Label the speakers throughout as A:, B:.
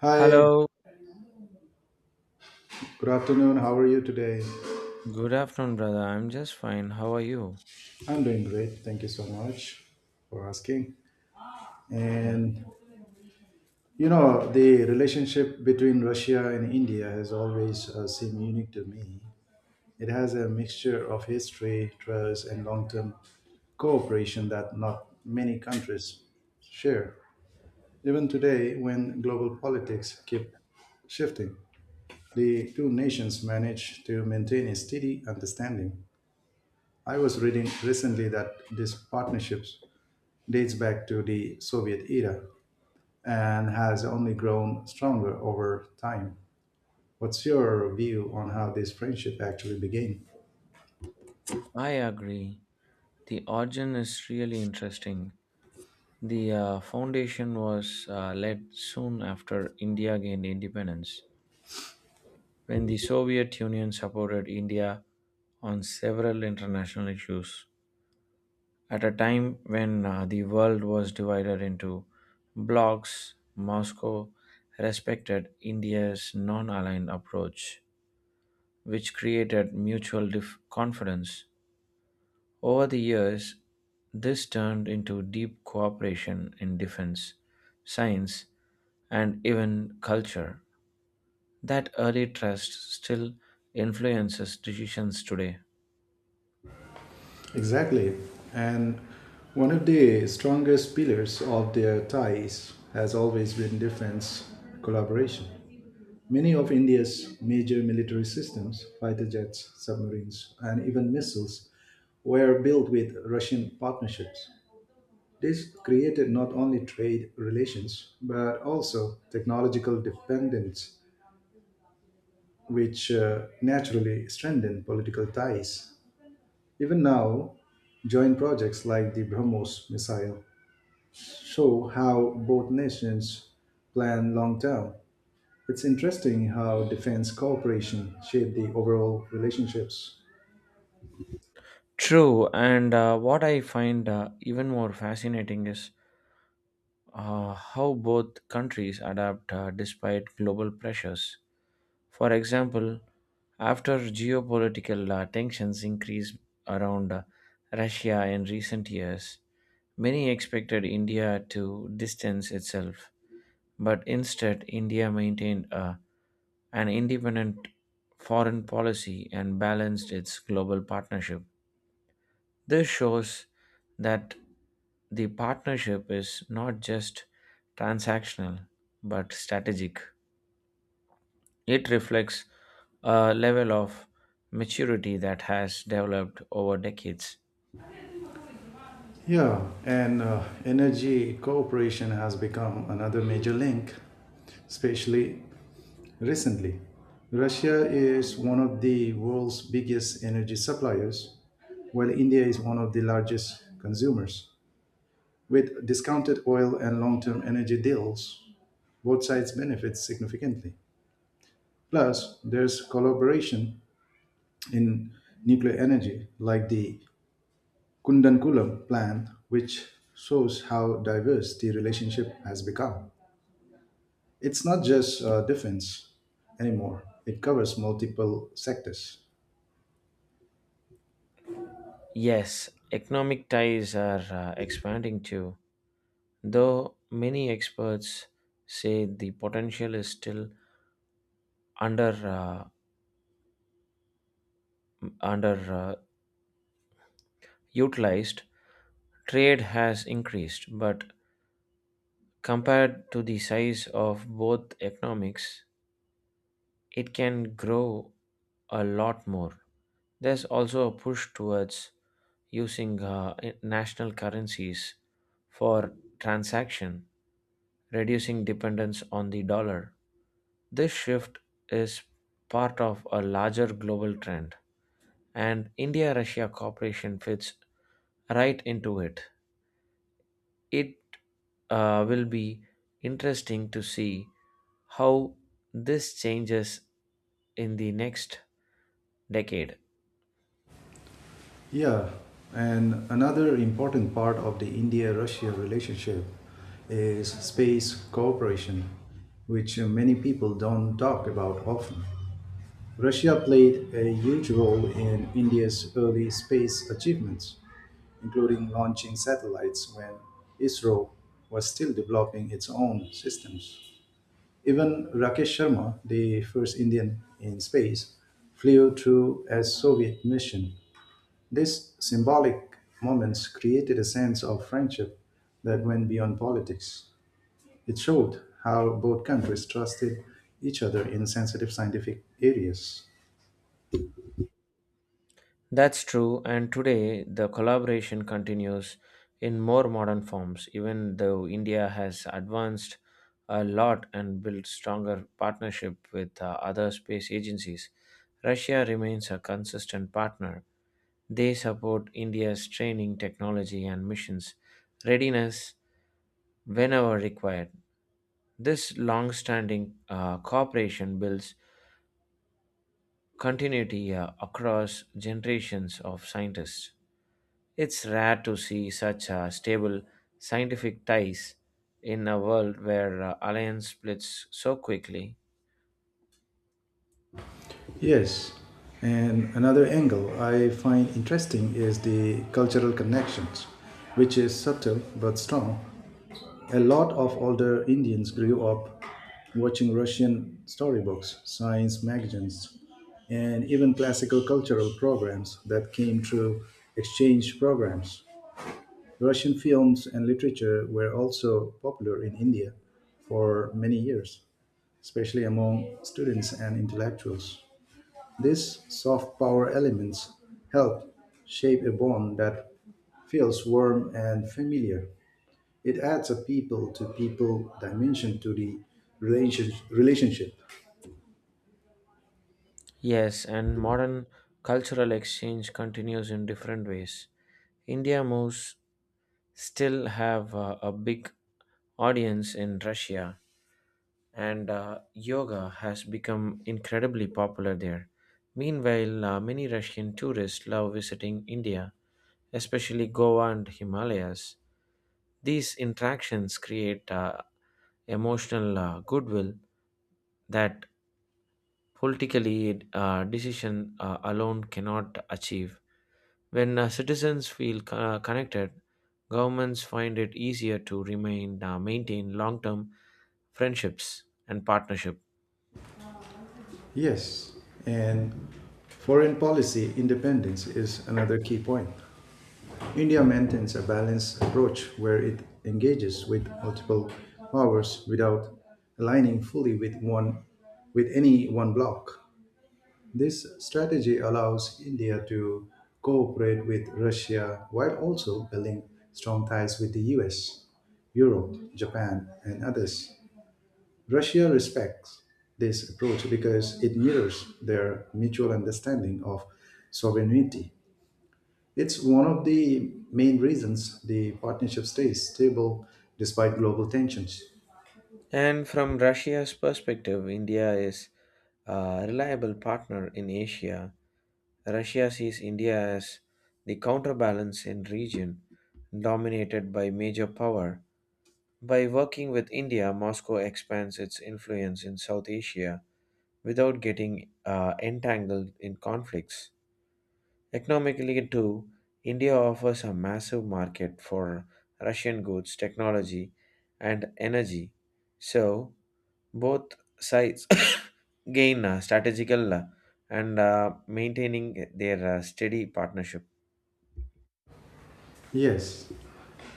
A: Hi,
B: Hello,
A: good afternoon. How are you today?
B: good afternoon, brother. I'm just fine. How are you?
A: I'm doing great. Thank you so much for asking.
B: Yeah.
A: And the relationship between Russia and India has always seemed unique to me. It has a mixture of history, trust, and long term cooperation that not many countries share. Even today, when global politics keep shifting, the two nations manage to maintain a steady understanding. I was reading recently that this partnerships dates back to the Soviet era and has only grown stronger over time. What's your view on how this friendship actually began?
B: I agree. The origin is really interesting. The foundation was laid soon after India gained independence, when the Soviet Union supported India on several international issues. At a time when the world was divided into blocs, Moscow respected India's non aligned approach which created mutual confidence. Over the years, this turned into deep cooperation in defense, science, and even culture. That early trust still influences decisions today.
A: Exactly. And one of the strongest pillars of their ties has always been defense collaboration. Many of India's major military systems, fighter jets, submarines, and even missiles, were built with Russian partnerships. This created not only trade relations but also technological dependence, which naturally strengthened political ties. Even now, joint projects like the BrahMos missile show how both nations plan long term. It's interesting how defense cooperation shaped the overall relationships.
B: True, and what I find even more fascinating is how both countries adapt despite global pressures. For example, after geopolitical tensions increased around Russia in recent years, many expected India to distance itself, but instead, India maintained an independent foreign policy and balanced its global partnership. This shows that the partnership is not just transactional but strategic. It reflects a level of maturity that has developed over decades.
A: Yeah, and energy cooperation has become another major link, especially recently. Russia is one of the world's biggest energy suppliers, while India is one of the largest consumers. With discounted oil and long term energy deals, both sides benefit significantly. Plus, there's collaboration in nuclear energy, like the Kundankulam plant, which shows how diverse the relationship has become. It's not just defense anymore, it covers multiple sectors.
B: Yes, economic ties are expanding too, though many experts say the potential is still under uh, under utilized. Trade has increased, but compared to the size of both economics, it can grow a lot more. There's also a push towards using national currencies for transaction, reducing dependence on the dollar. This shift is part of a larger global trend, and India Russia cooperation fits right into it. It will be interesting to see how this changes in the next decade.
A: Yeah, and another important part of the India Russia relationship is space cooperation, which many people don't talk about often. Russia played a huge role in India's early space achievements, including launching satellites when ISRO was still developing its own systems. Even Rakesh Sharma, the first Indian in space, flew through a Soviet mission. These symbolic moments created a sense of friendship that went beyond politics. It showed how both countries trusted each other in sensitive scientific areas.
B: That's true, and today the collaboration continues in more modern forms, even though India has advanced a lot and built stronger partnership with other space agencies. Russia remains a consistent partner. They support India's training, technology, and missions readiness whenever required. This long standing cooperation builds continuity across generations of scientists. It's rare to see such stable scientific ties in a world where alliance splits so quickly.
A: Yes, and another angle I find interesting is the cultural connections, which is subtle but strong. A lot of older Indians grew up watching Russian storybooks, science magazines, and even classical cultural programs that came through exchange programs. Russian films and literature were also popular in India for many years, especially among students and intellectuals. These soft power elements help shape a bond that feels warm and familiar. It adds a people to people dimension to the relationship.
B: Yes, and modern cultural exchange continues in different ways. India moves still have a big audience in Russia and yoga has become incredibly popular there. Meanwhile, many Russian tourists love visiting India, especially Goa and Himalayas. These interactions create emotional goodwill that politically decision alone cannot achieve. When citizens feel connected, governments find it easier to remain maintain long-term friendships and partnership.
A: Yes, and foreign policy independence is another key point. India maintains a balanced approach where it engages with multiple powers without aligning fully with any one bloc. This strategy allows India to cooperate with Russia while also building strong ties with the US, Europe, Japan, and others. Russia respects this approach because it mirrors their mutual understanding of sovereignty. It's one of the main reasons the partnership stays stable despite global tensions.
B: And from Russia's perspective, India is a reliable partner in Asia. Russia sees India as the counterbalance in region dominated by major power. By working with India, Moscow expands its influence in South Asia without getting entangled in conflicts. Economically, too, India offers a massive market for Russian goods, technology, and energy. So, both sides gain strategical and maintaining their steady partnership.
A: Yes,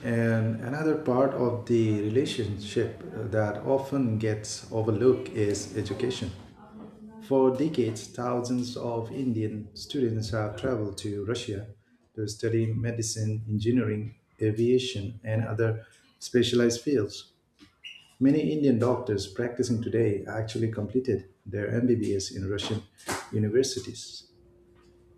A: and another part of the relationship that often gets overlooked is education. For decades, thousands of Indian students have traveled to Russia to study medicine, engineering, aviation, and other specialized fields. Many Indian doctors practicing today actually completed their MBBS in Russian universities.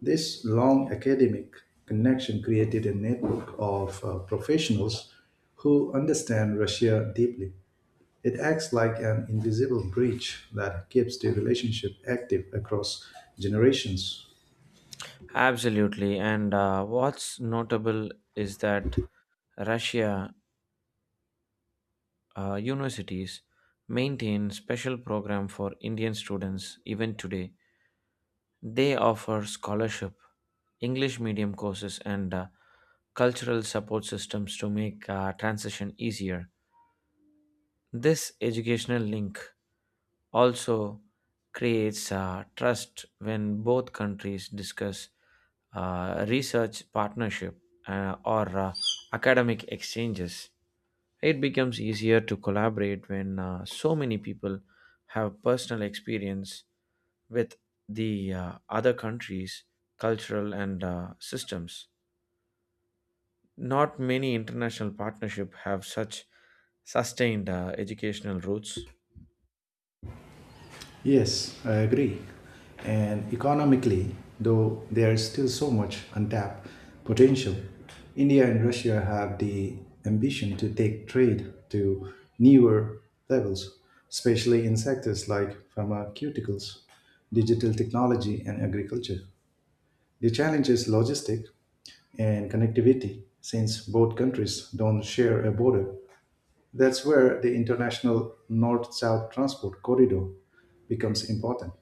A: This long academic connection created a network of professionals who understand Russia deeply. It acts like an invisible bridge that keeps the relationship active across generations.
B: Absolutely. And what's notable is that Russia universities maintain special program for Indian students even today. They offer scholarship, English medium courses, and cultural support systems to make transition easier. This educational link also creates trust when both countries discuss research partnership or academic exchanges. It becomes easier to collaborate when so many people have personal experience with the other countries, cultural and systems. Not many international partnership have such sustained educational roots.
A: Yes, I agree. And economically, though there is still so much untapped potential, India and Russia have the ambition to take trade to newer levels, especially in sectors like pharmaceuticals, digital technology, and agriculture. The challenge is logistic and connectivity, since both countries don't share a border. That's where the international north south transport corridor becomes important.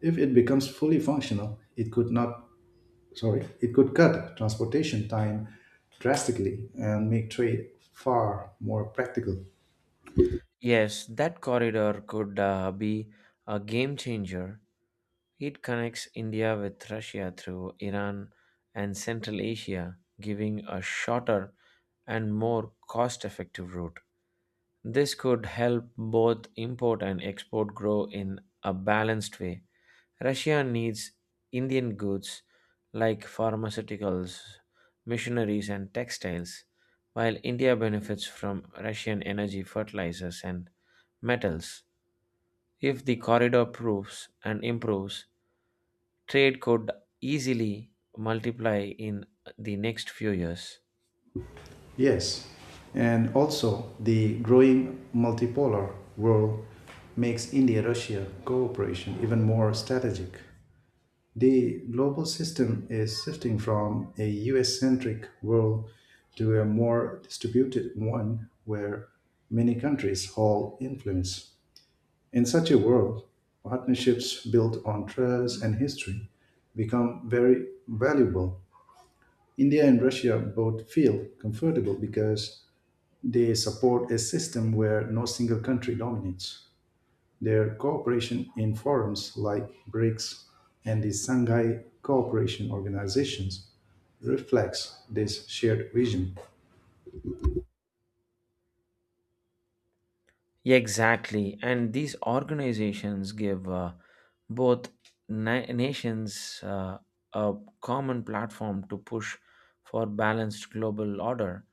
A: If it becomes fully functional, it could not, sorry, it could cut transportation time drastically and make trade far more practical.
B: Yes, that corridor could be a game changer. It connects India with Russia through Iran and Central Asia, giving a shorter and more cost effective route. This could help both import and export grow in a balanced way. Russia needs Indian goods like pharmaceuticals, machineries, and textiles, while India benefits from Russian energy, fertilizers, and metals. If the corridor proves and improves, trade could easily multiply in the next few years.
A: Yes, and also the growing multipolar world makes India Russia cooperation even more strategic. The global system is shifting from a US centric world to a more distributed one where many countries hold influence. In such a world, partnerships built on trust and history become very valuable. India and Russia both feel comfortable because they support a system where no single country dominates. Their cooperation in forums like BRICS and the Shanghai Cooperation Organizations reflects this shared vision.
B: Yeah, exactly. And these organizations give both nations a common platform to push for balanced global order.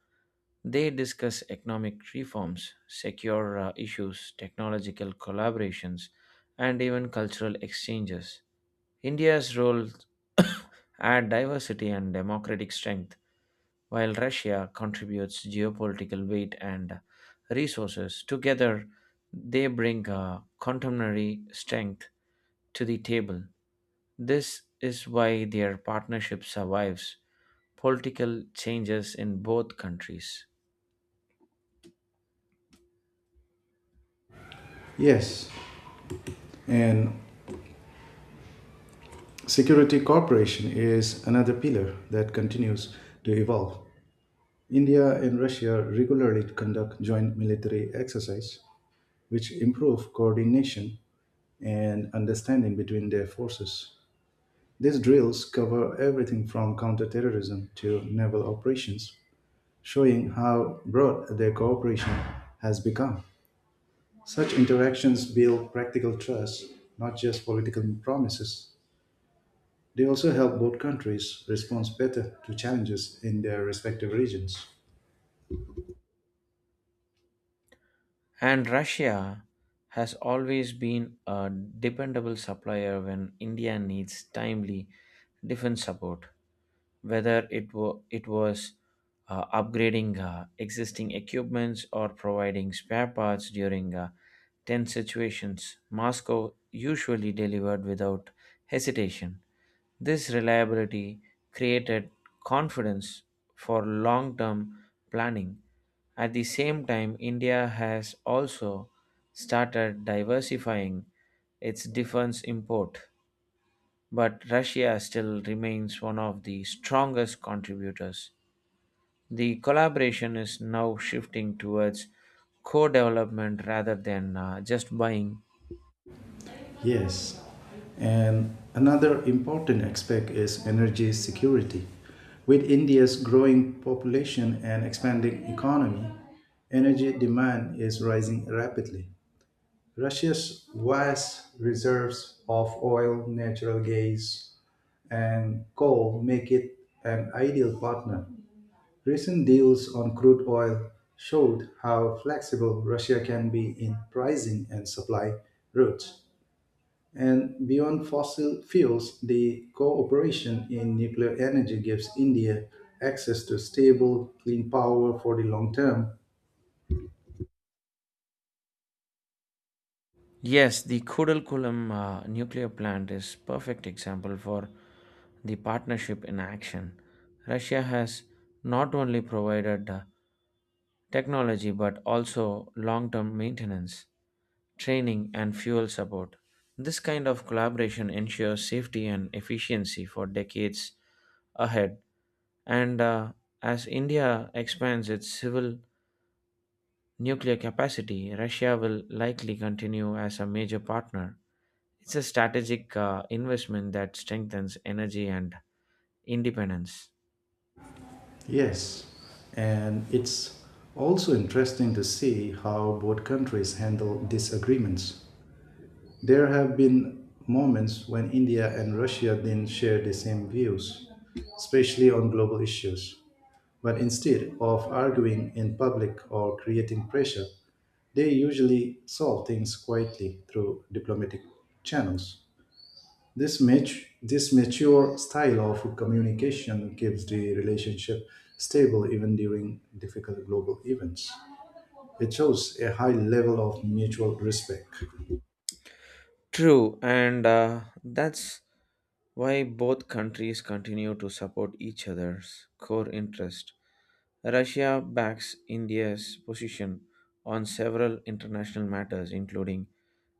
B: They discuss economic reforms, secure issues, technological collaborations, and even cultural exchanges. India's role add diversity and democratic strength, while Russia contributes geopolitical weight and resources. Together, they bring a contemporary strength to the table. This is why their partnership survives political changes in both countries.
A: Yes, and security cooperation is another pillar that continues to evolve. India and Russia regularly conduct joint military exercises, which improve coordination and understanding between their forces. These drills cover everything from counterterrorism to naval operations, showing how broad their cooperation has become. Such interactions build practical trust, not just political promises. They also help both countries respond better to challenges in their respective regions.
B: And Russia has always been a dependable supplier when India needs timely defense support, whether it was upgrading existing equipments or providing spare parts during tense situations. Moscow usually delivered without hesitation. This reliability created confidence for long term planning. At the same time, India has also started diversifying its defense import, but Russia still remains one of the strongest contributors. The collaboration is now shifting towards co development rather than just buying.
A: Yes. And another important aspect is energy security. With India's growing population and expanding economy, energy demand is rising rapidly. Russia's vast reserves of oil, natural gas, and coal make it an ideal partner. Recent deals on crude oil showed how flexible Russia can be in pricing and supply routes. And beyond fossil fuels, the cooperation in nuclear energy gives India access to stable, clean power for the long term.
B: Yes, the Kudalkulam nuclear plant is perfect example for the partnership in action. Russia has not only provided technology, but also long term maintenance, training, and fuel support. This kind of collaboration ensures safety and efficiency for decades ahead. And as India expands its civil nuclear capacity, Russia will likely continue as a major partner. It's a strategic investment that strengthens energy and independence.
A: Yes, and it's also interesting to see how both countries handle disagreements. There have been moments when India and Russia didn't share the same views, especially on global issues. But instead of arguing in public or creating pressure, they usually solve things quietly through diplomatic channels. This mature style of communication keeps the relationship stable even during difficult global events. It shows a high level of mutual respect.
B: True, and that's why both countries continue to support each other's core interest. Russia backs India's position on several international matters, including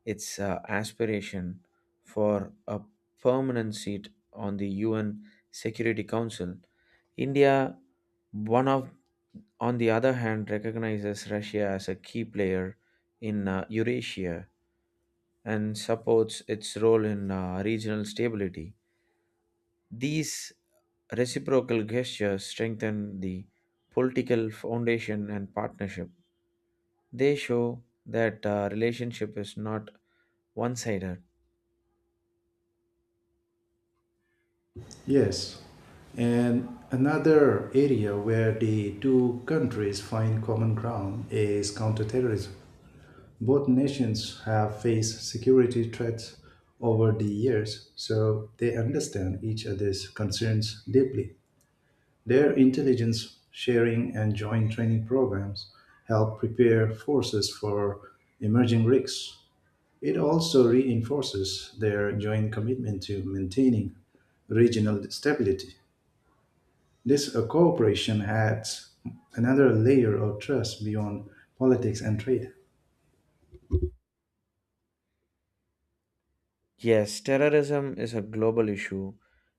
B: its aspiration for a permanent seat on the UN Security Council. India, one of, on the other hand, recognizes Russia as a key player in Eurasia and supports its role in regional stability. These reciprocal gestures strengthen the political foundation and partnership. They show that relationship is not one-sided.
A: Yes, and another area where the two countries find common ground is counterterrorism. Both nations have faced security threats over the years, so they understand each other's concerns deeply. Their intelligence sharing and joint training programs help prepare forces for emerging risks. It also reinforces their joint commitment to maintaining regional stability. This cooperation adds another layer of trust beyond politics and trade.
B: Yes, terrorism is a global issue,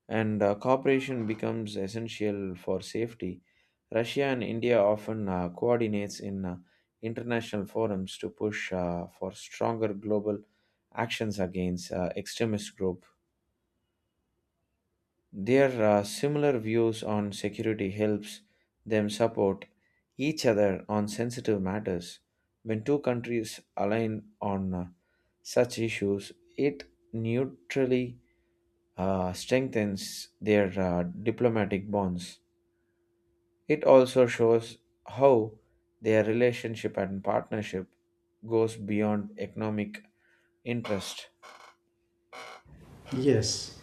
B: and cooperation becomes essential for safety. Russia and India often coordinates in international forums to push for stronger global actions against extremist group. Their similar views on security helps them support each other on sensitive matters. When two countries align on such issues, it neutrally strengthens their diplomatic bonds. It also shows how their relationship and partnership goes beyond economic interest.
A: Yes.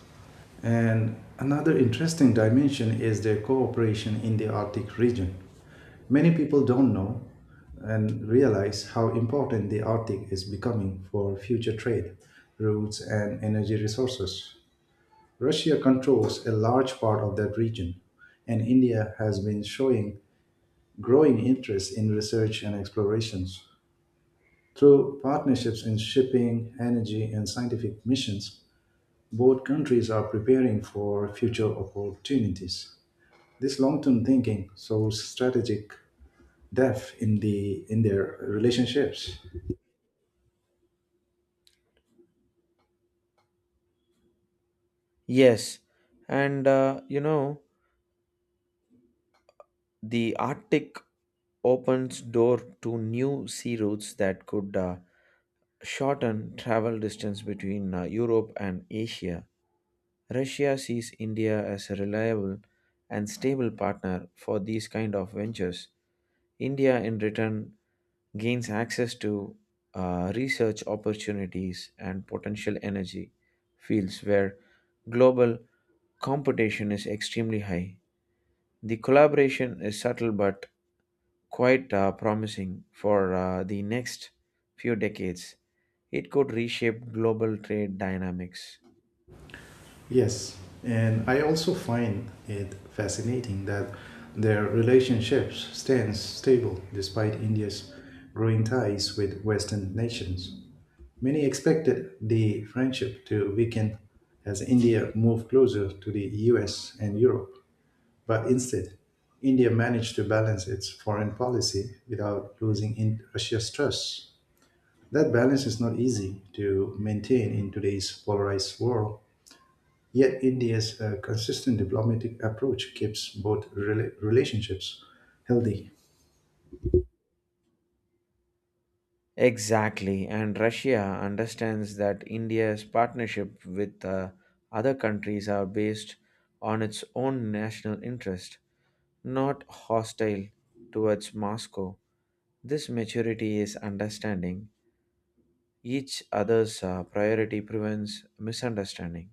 A: And another interesting dimension is their cooperation in the Arctic region. Many people don't know and realize how important the Arctic is becoming for future trade routes and energy resources. Russia controls a large part of that region, and India has been showing growing interest in research and explorations. Through partnerships in shipping, energy, and scientific missions, both countries are preparing for future opportunities. This long-term thinking so strategic depth in their relationships.
B: Yes, and the Arctic opens door to new sea routes that could shorten travel distance between Europe and Asia. Russia sees India as a reliable and stable partner for these kind of ventures. India in return gains access to research opportunities and potential energy fields where global competition is extremely high. The collaboration is subtle but quite promising for the next few decades. It could reshape global trade dynamics.
A: Yes, and I also find it fascinating that their relationships stands stable despite India's growing ties with western nations. Many expected the friendship to weaken as India moved closer to the US and Europe, but instead, India managed to balance its foreign policy without losing in Russia's trust. That balance is not easy to maintain in today's polarized world, yet India's consistent diplomatic approach keeps both relationships healthy.
B: Exactly, and Russia understands that India's partnership with other countries are based on its own national interest, not hostile towards Moscow. This maturity is understanding each other's priority prevents misunderstanding.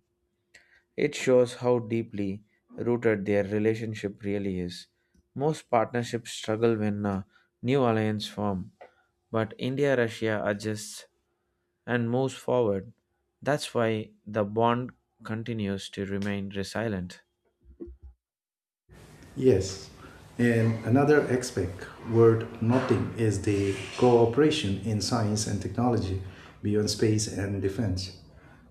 B: It shows how deeply rooted their relationship really is. Most partnerships struggle when a new alliance forms, but India Russia adjusts and moves forward. That's why the bond continues to remain resilient.
A: Yes. And another aspect worth noting is the cooperation in science and technology beyond space and defense.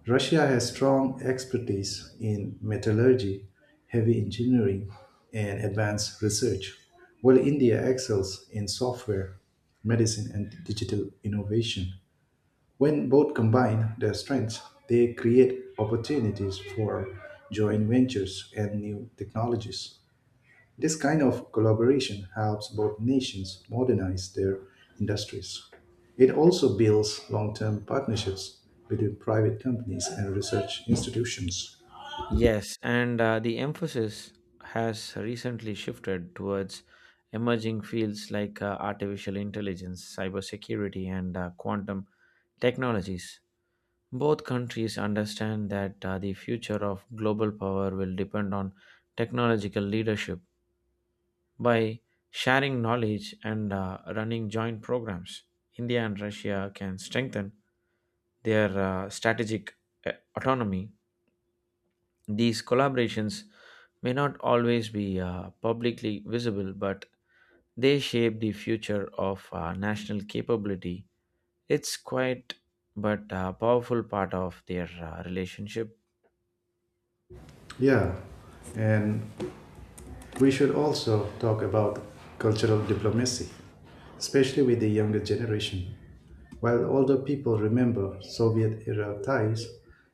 A: Russia has strong expertise in metallurgy, heavy engineering, and advanced research, while India excels in software, medicine, and digital innovation. When both combine their strengths, they create opportunities for joint ventures and new technologies. This kind of collaboration helps both nations modernize their industries. It also builds long term partnerships between private companies and research institutions.
B: Yes, and the emphasis has recently shifted towards emerging fields like artificial intelligence, cybersecurity, and quantum technologies. Both countries understand that the future of global power will depend on technological leadership by sharing knowledge and running joint programs. India and Russia can strengthen their strategic uh, autonomy. These collaborations may not always be publicly visible, but they shape the future of national capability. It's quite but a powerful part of their relationship.
A: Yeah, and we should also talk about cultural diplomacy, especially with the younger generation. While older people remember Soviet era ties,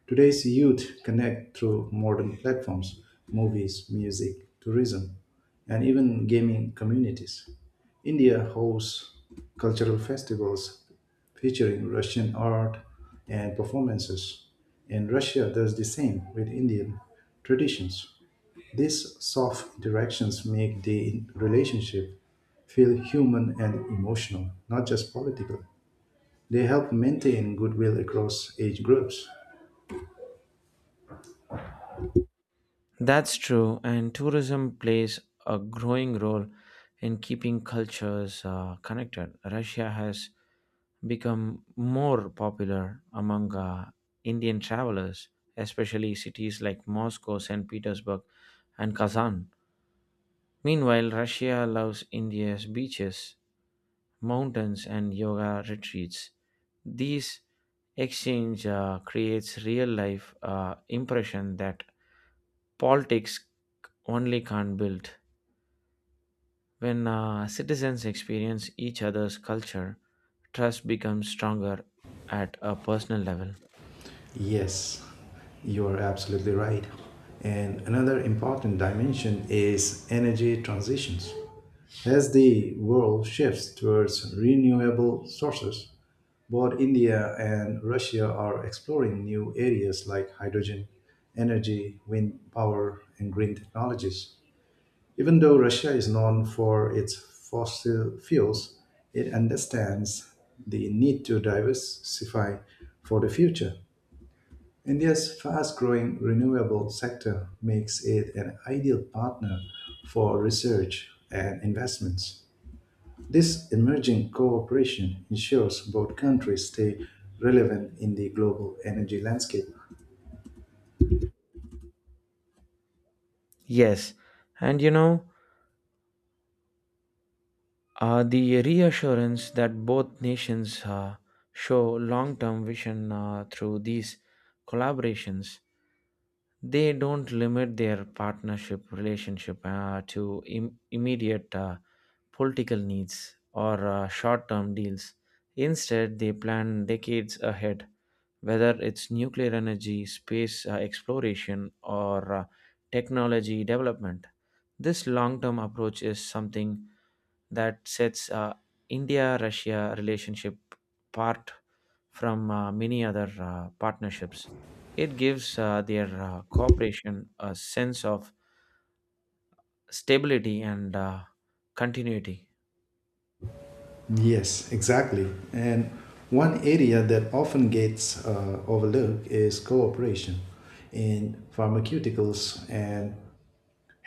A: today's youth connect through modern platforms, movies, music, tourism, and even gaming communities. India hosts cultural festivals featuring Russian art and performances, and Russia does the same with Indian traditions. These soft interactions make the relationship feel human and emotional, not just political. They help maintain goodwill across age groups.
B: That's true, and tourism plays a growing role in keeping cultures connected. Russia has become more popular among Indian travelers, especially cities like Moscow, St. Petersburg, and Kazan. Meanwhile, Russia loves India's beaches, mountains, and yoga retreats. These exchange creates real life impression that politics only can't build. When citizens experience each other's culture, trust becomes stronger at a personal level.
A: Yes, you are absolutely right. And another important dimension is energy transitions. As the world shifts towards renewable sources, both India and Russia are exploring new areas like hydrogen energy, wind power, and green technologies. Even though Russia is known for its fossil fuels, it understands the need to diversify for the future. India's fast growing renewable sector makes it an ideal partner for research and investments. This emerging cooperation ensures both countries stay relevant in the global energy landscape.
B: Yes, and you know, the reassurance that both nations show long term vision through these collaborations. They don't limit their partnership relationship to Im- immediate political needs or short term deals. Instead, they plan decades ahead, whether it's nuclear energy, space exploration, or technology development. This long term approach is something that sets India Russia relationship apart from many other partnerships. It gives their cooperation a sense of stability and continuity.
A: Yes, exactly. And one area that often gets overlooked is cooperation in pharmaceuticals and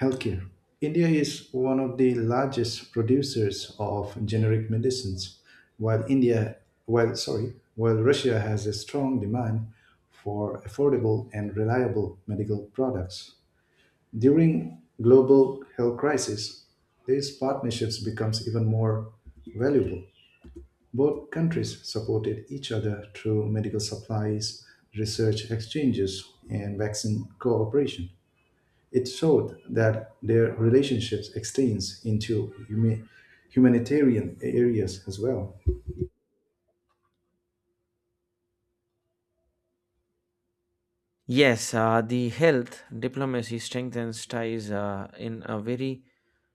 A: healthcare. India is one of the largest producers of generic medicines, while while Russia has a strong demand for affordable and reliable medical products. During global health crisis, these partnerships becomes even more valuable. Both countries supported each other through medical supplies, research exchanges, and vaccine cooperation. It showed that their relationships extends into humanitarian areas as well.
B: Yes, the health diplomacy strengthens ties in a very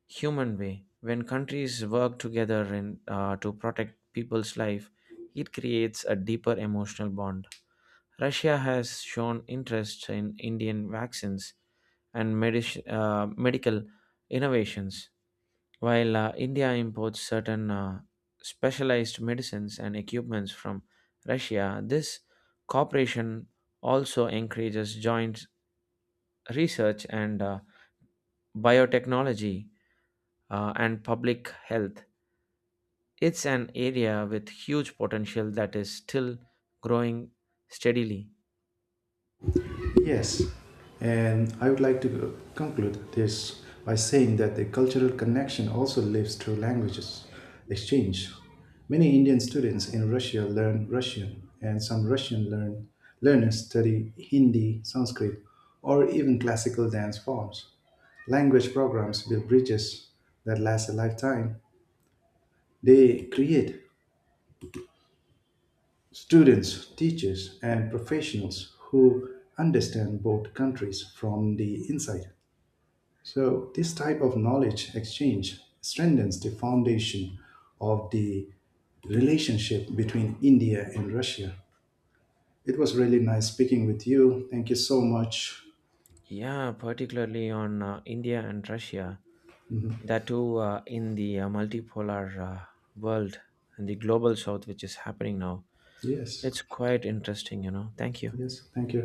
B: human way. When countries work together to protect people's life, it creates a deeper emotional bond. Russia has shown interest in Indian vaccines and medical innovations, while India imports certain specialized medicines and equipments from Russia. This cooperation also encourages joint research and biotechnology and public health. It's an area with huge potential that is still growing steadily.
A: Yes, and I would like to conclude this by saying that the cultural connection also lives through languages exchange. Many Indian students in Russia learn Russian, and some learners study Hindi, Sanskrit, or even classical dance forms. Language programs build bridges that last a lifetime. They create students, teachers, and professionals who understand both countries from the inside. So, this type of knowledge exchange strengthens the foundation of the relationship between India and Russia. It was really nice speaking with you. Thank you so much.
B: Yeah, particularly on India and Russia. That too in the multipolar world and the global south, which is happening now.
A: Yes,
B: It's quite interesting, you know. Thank you.
A: yes, thank you.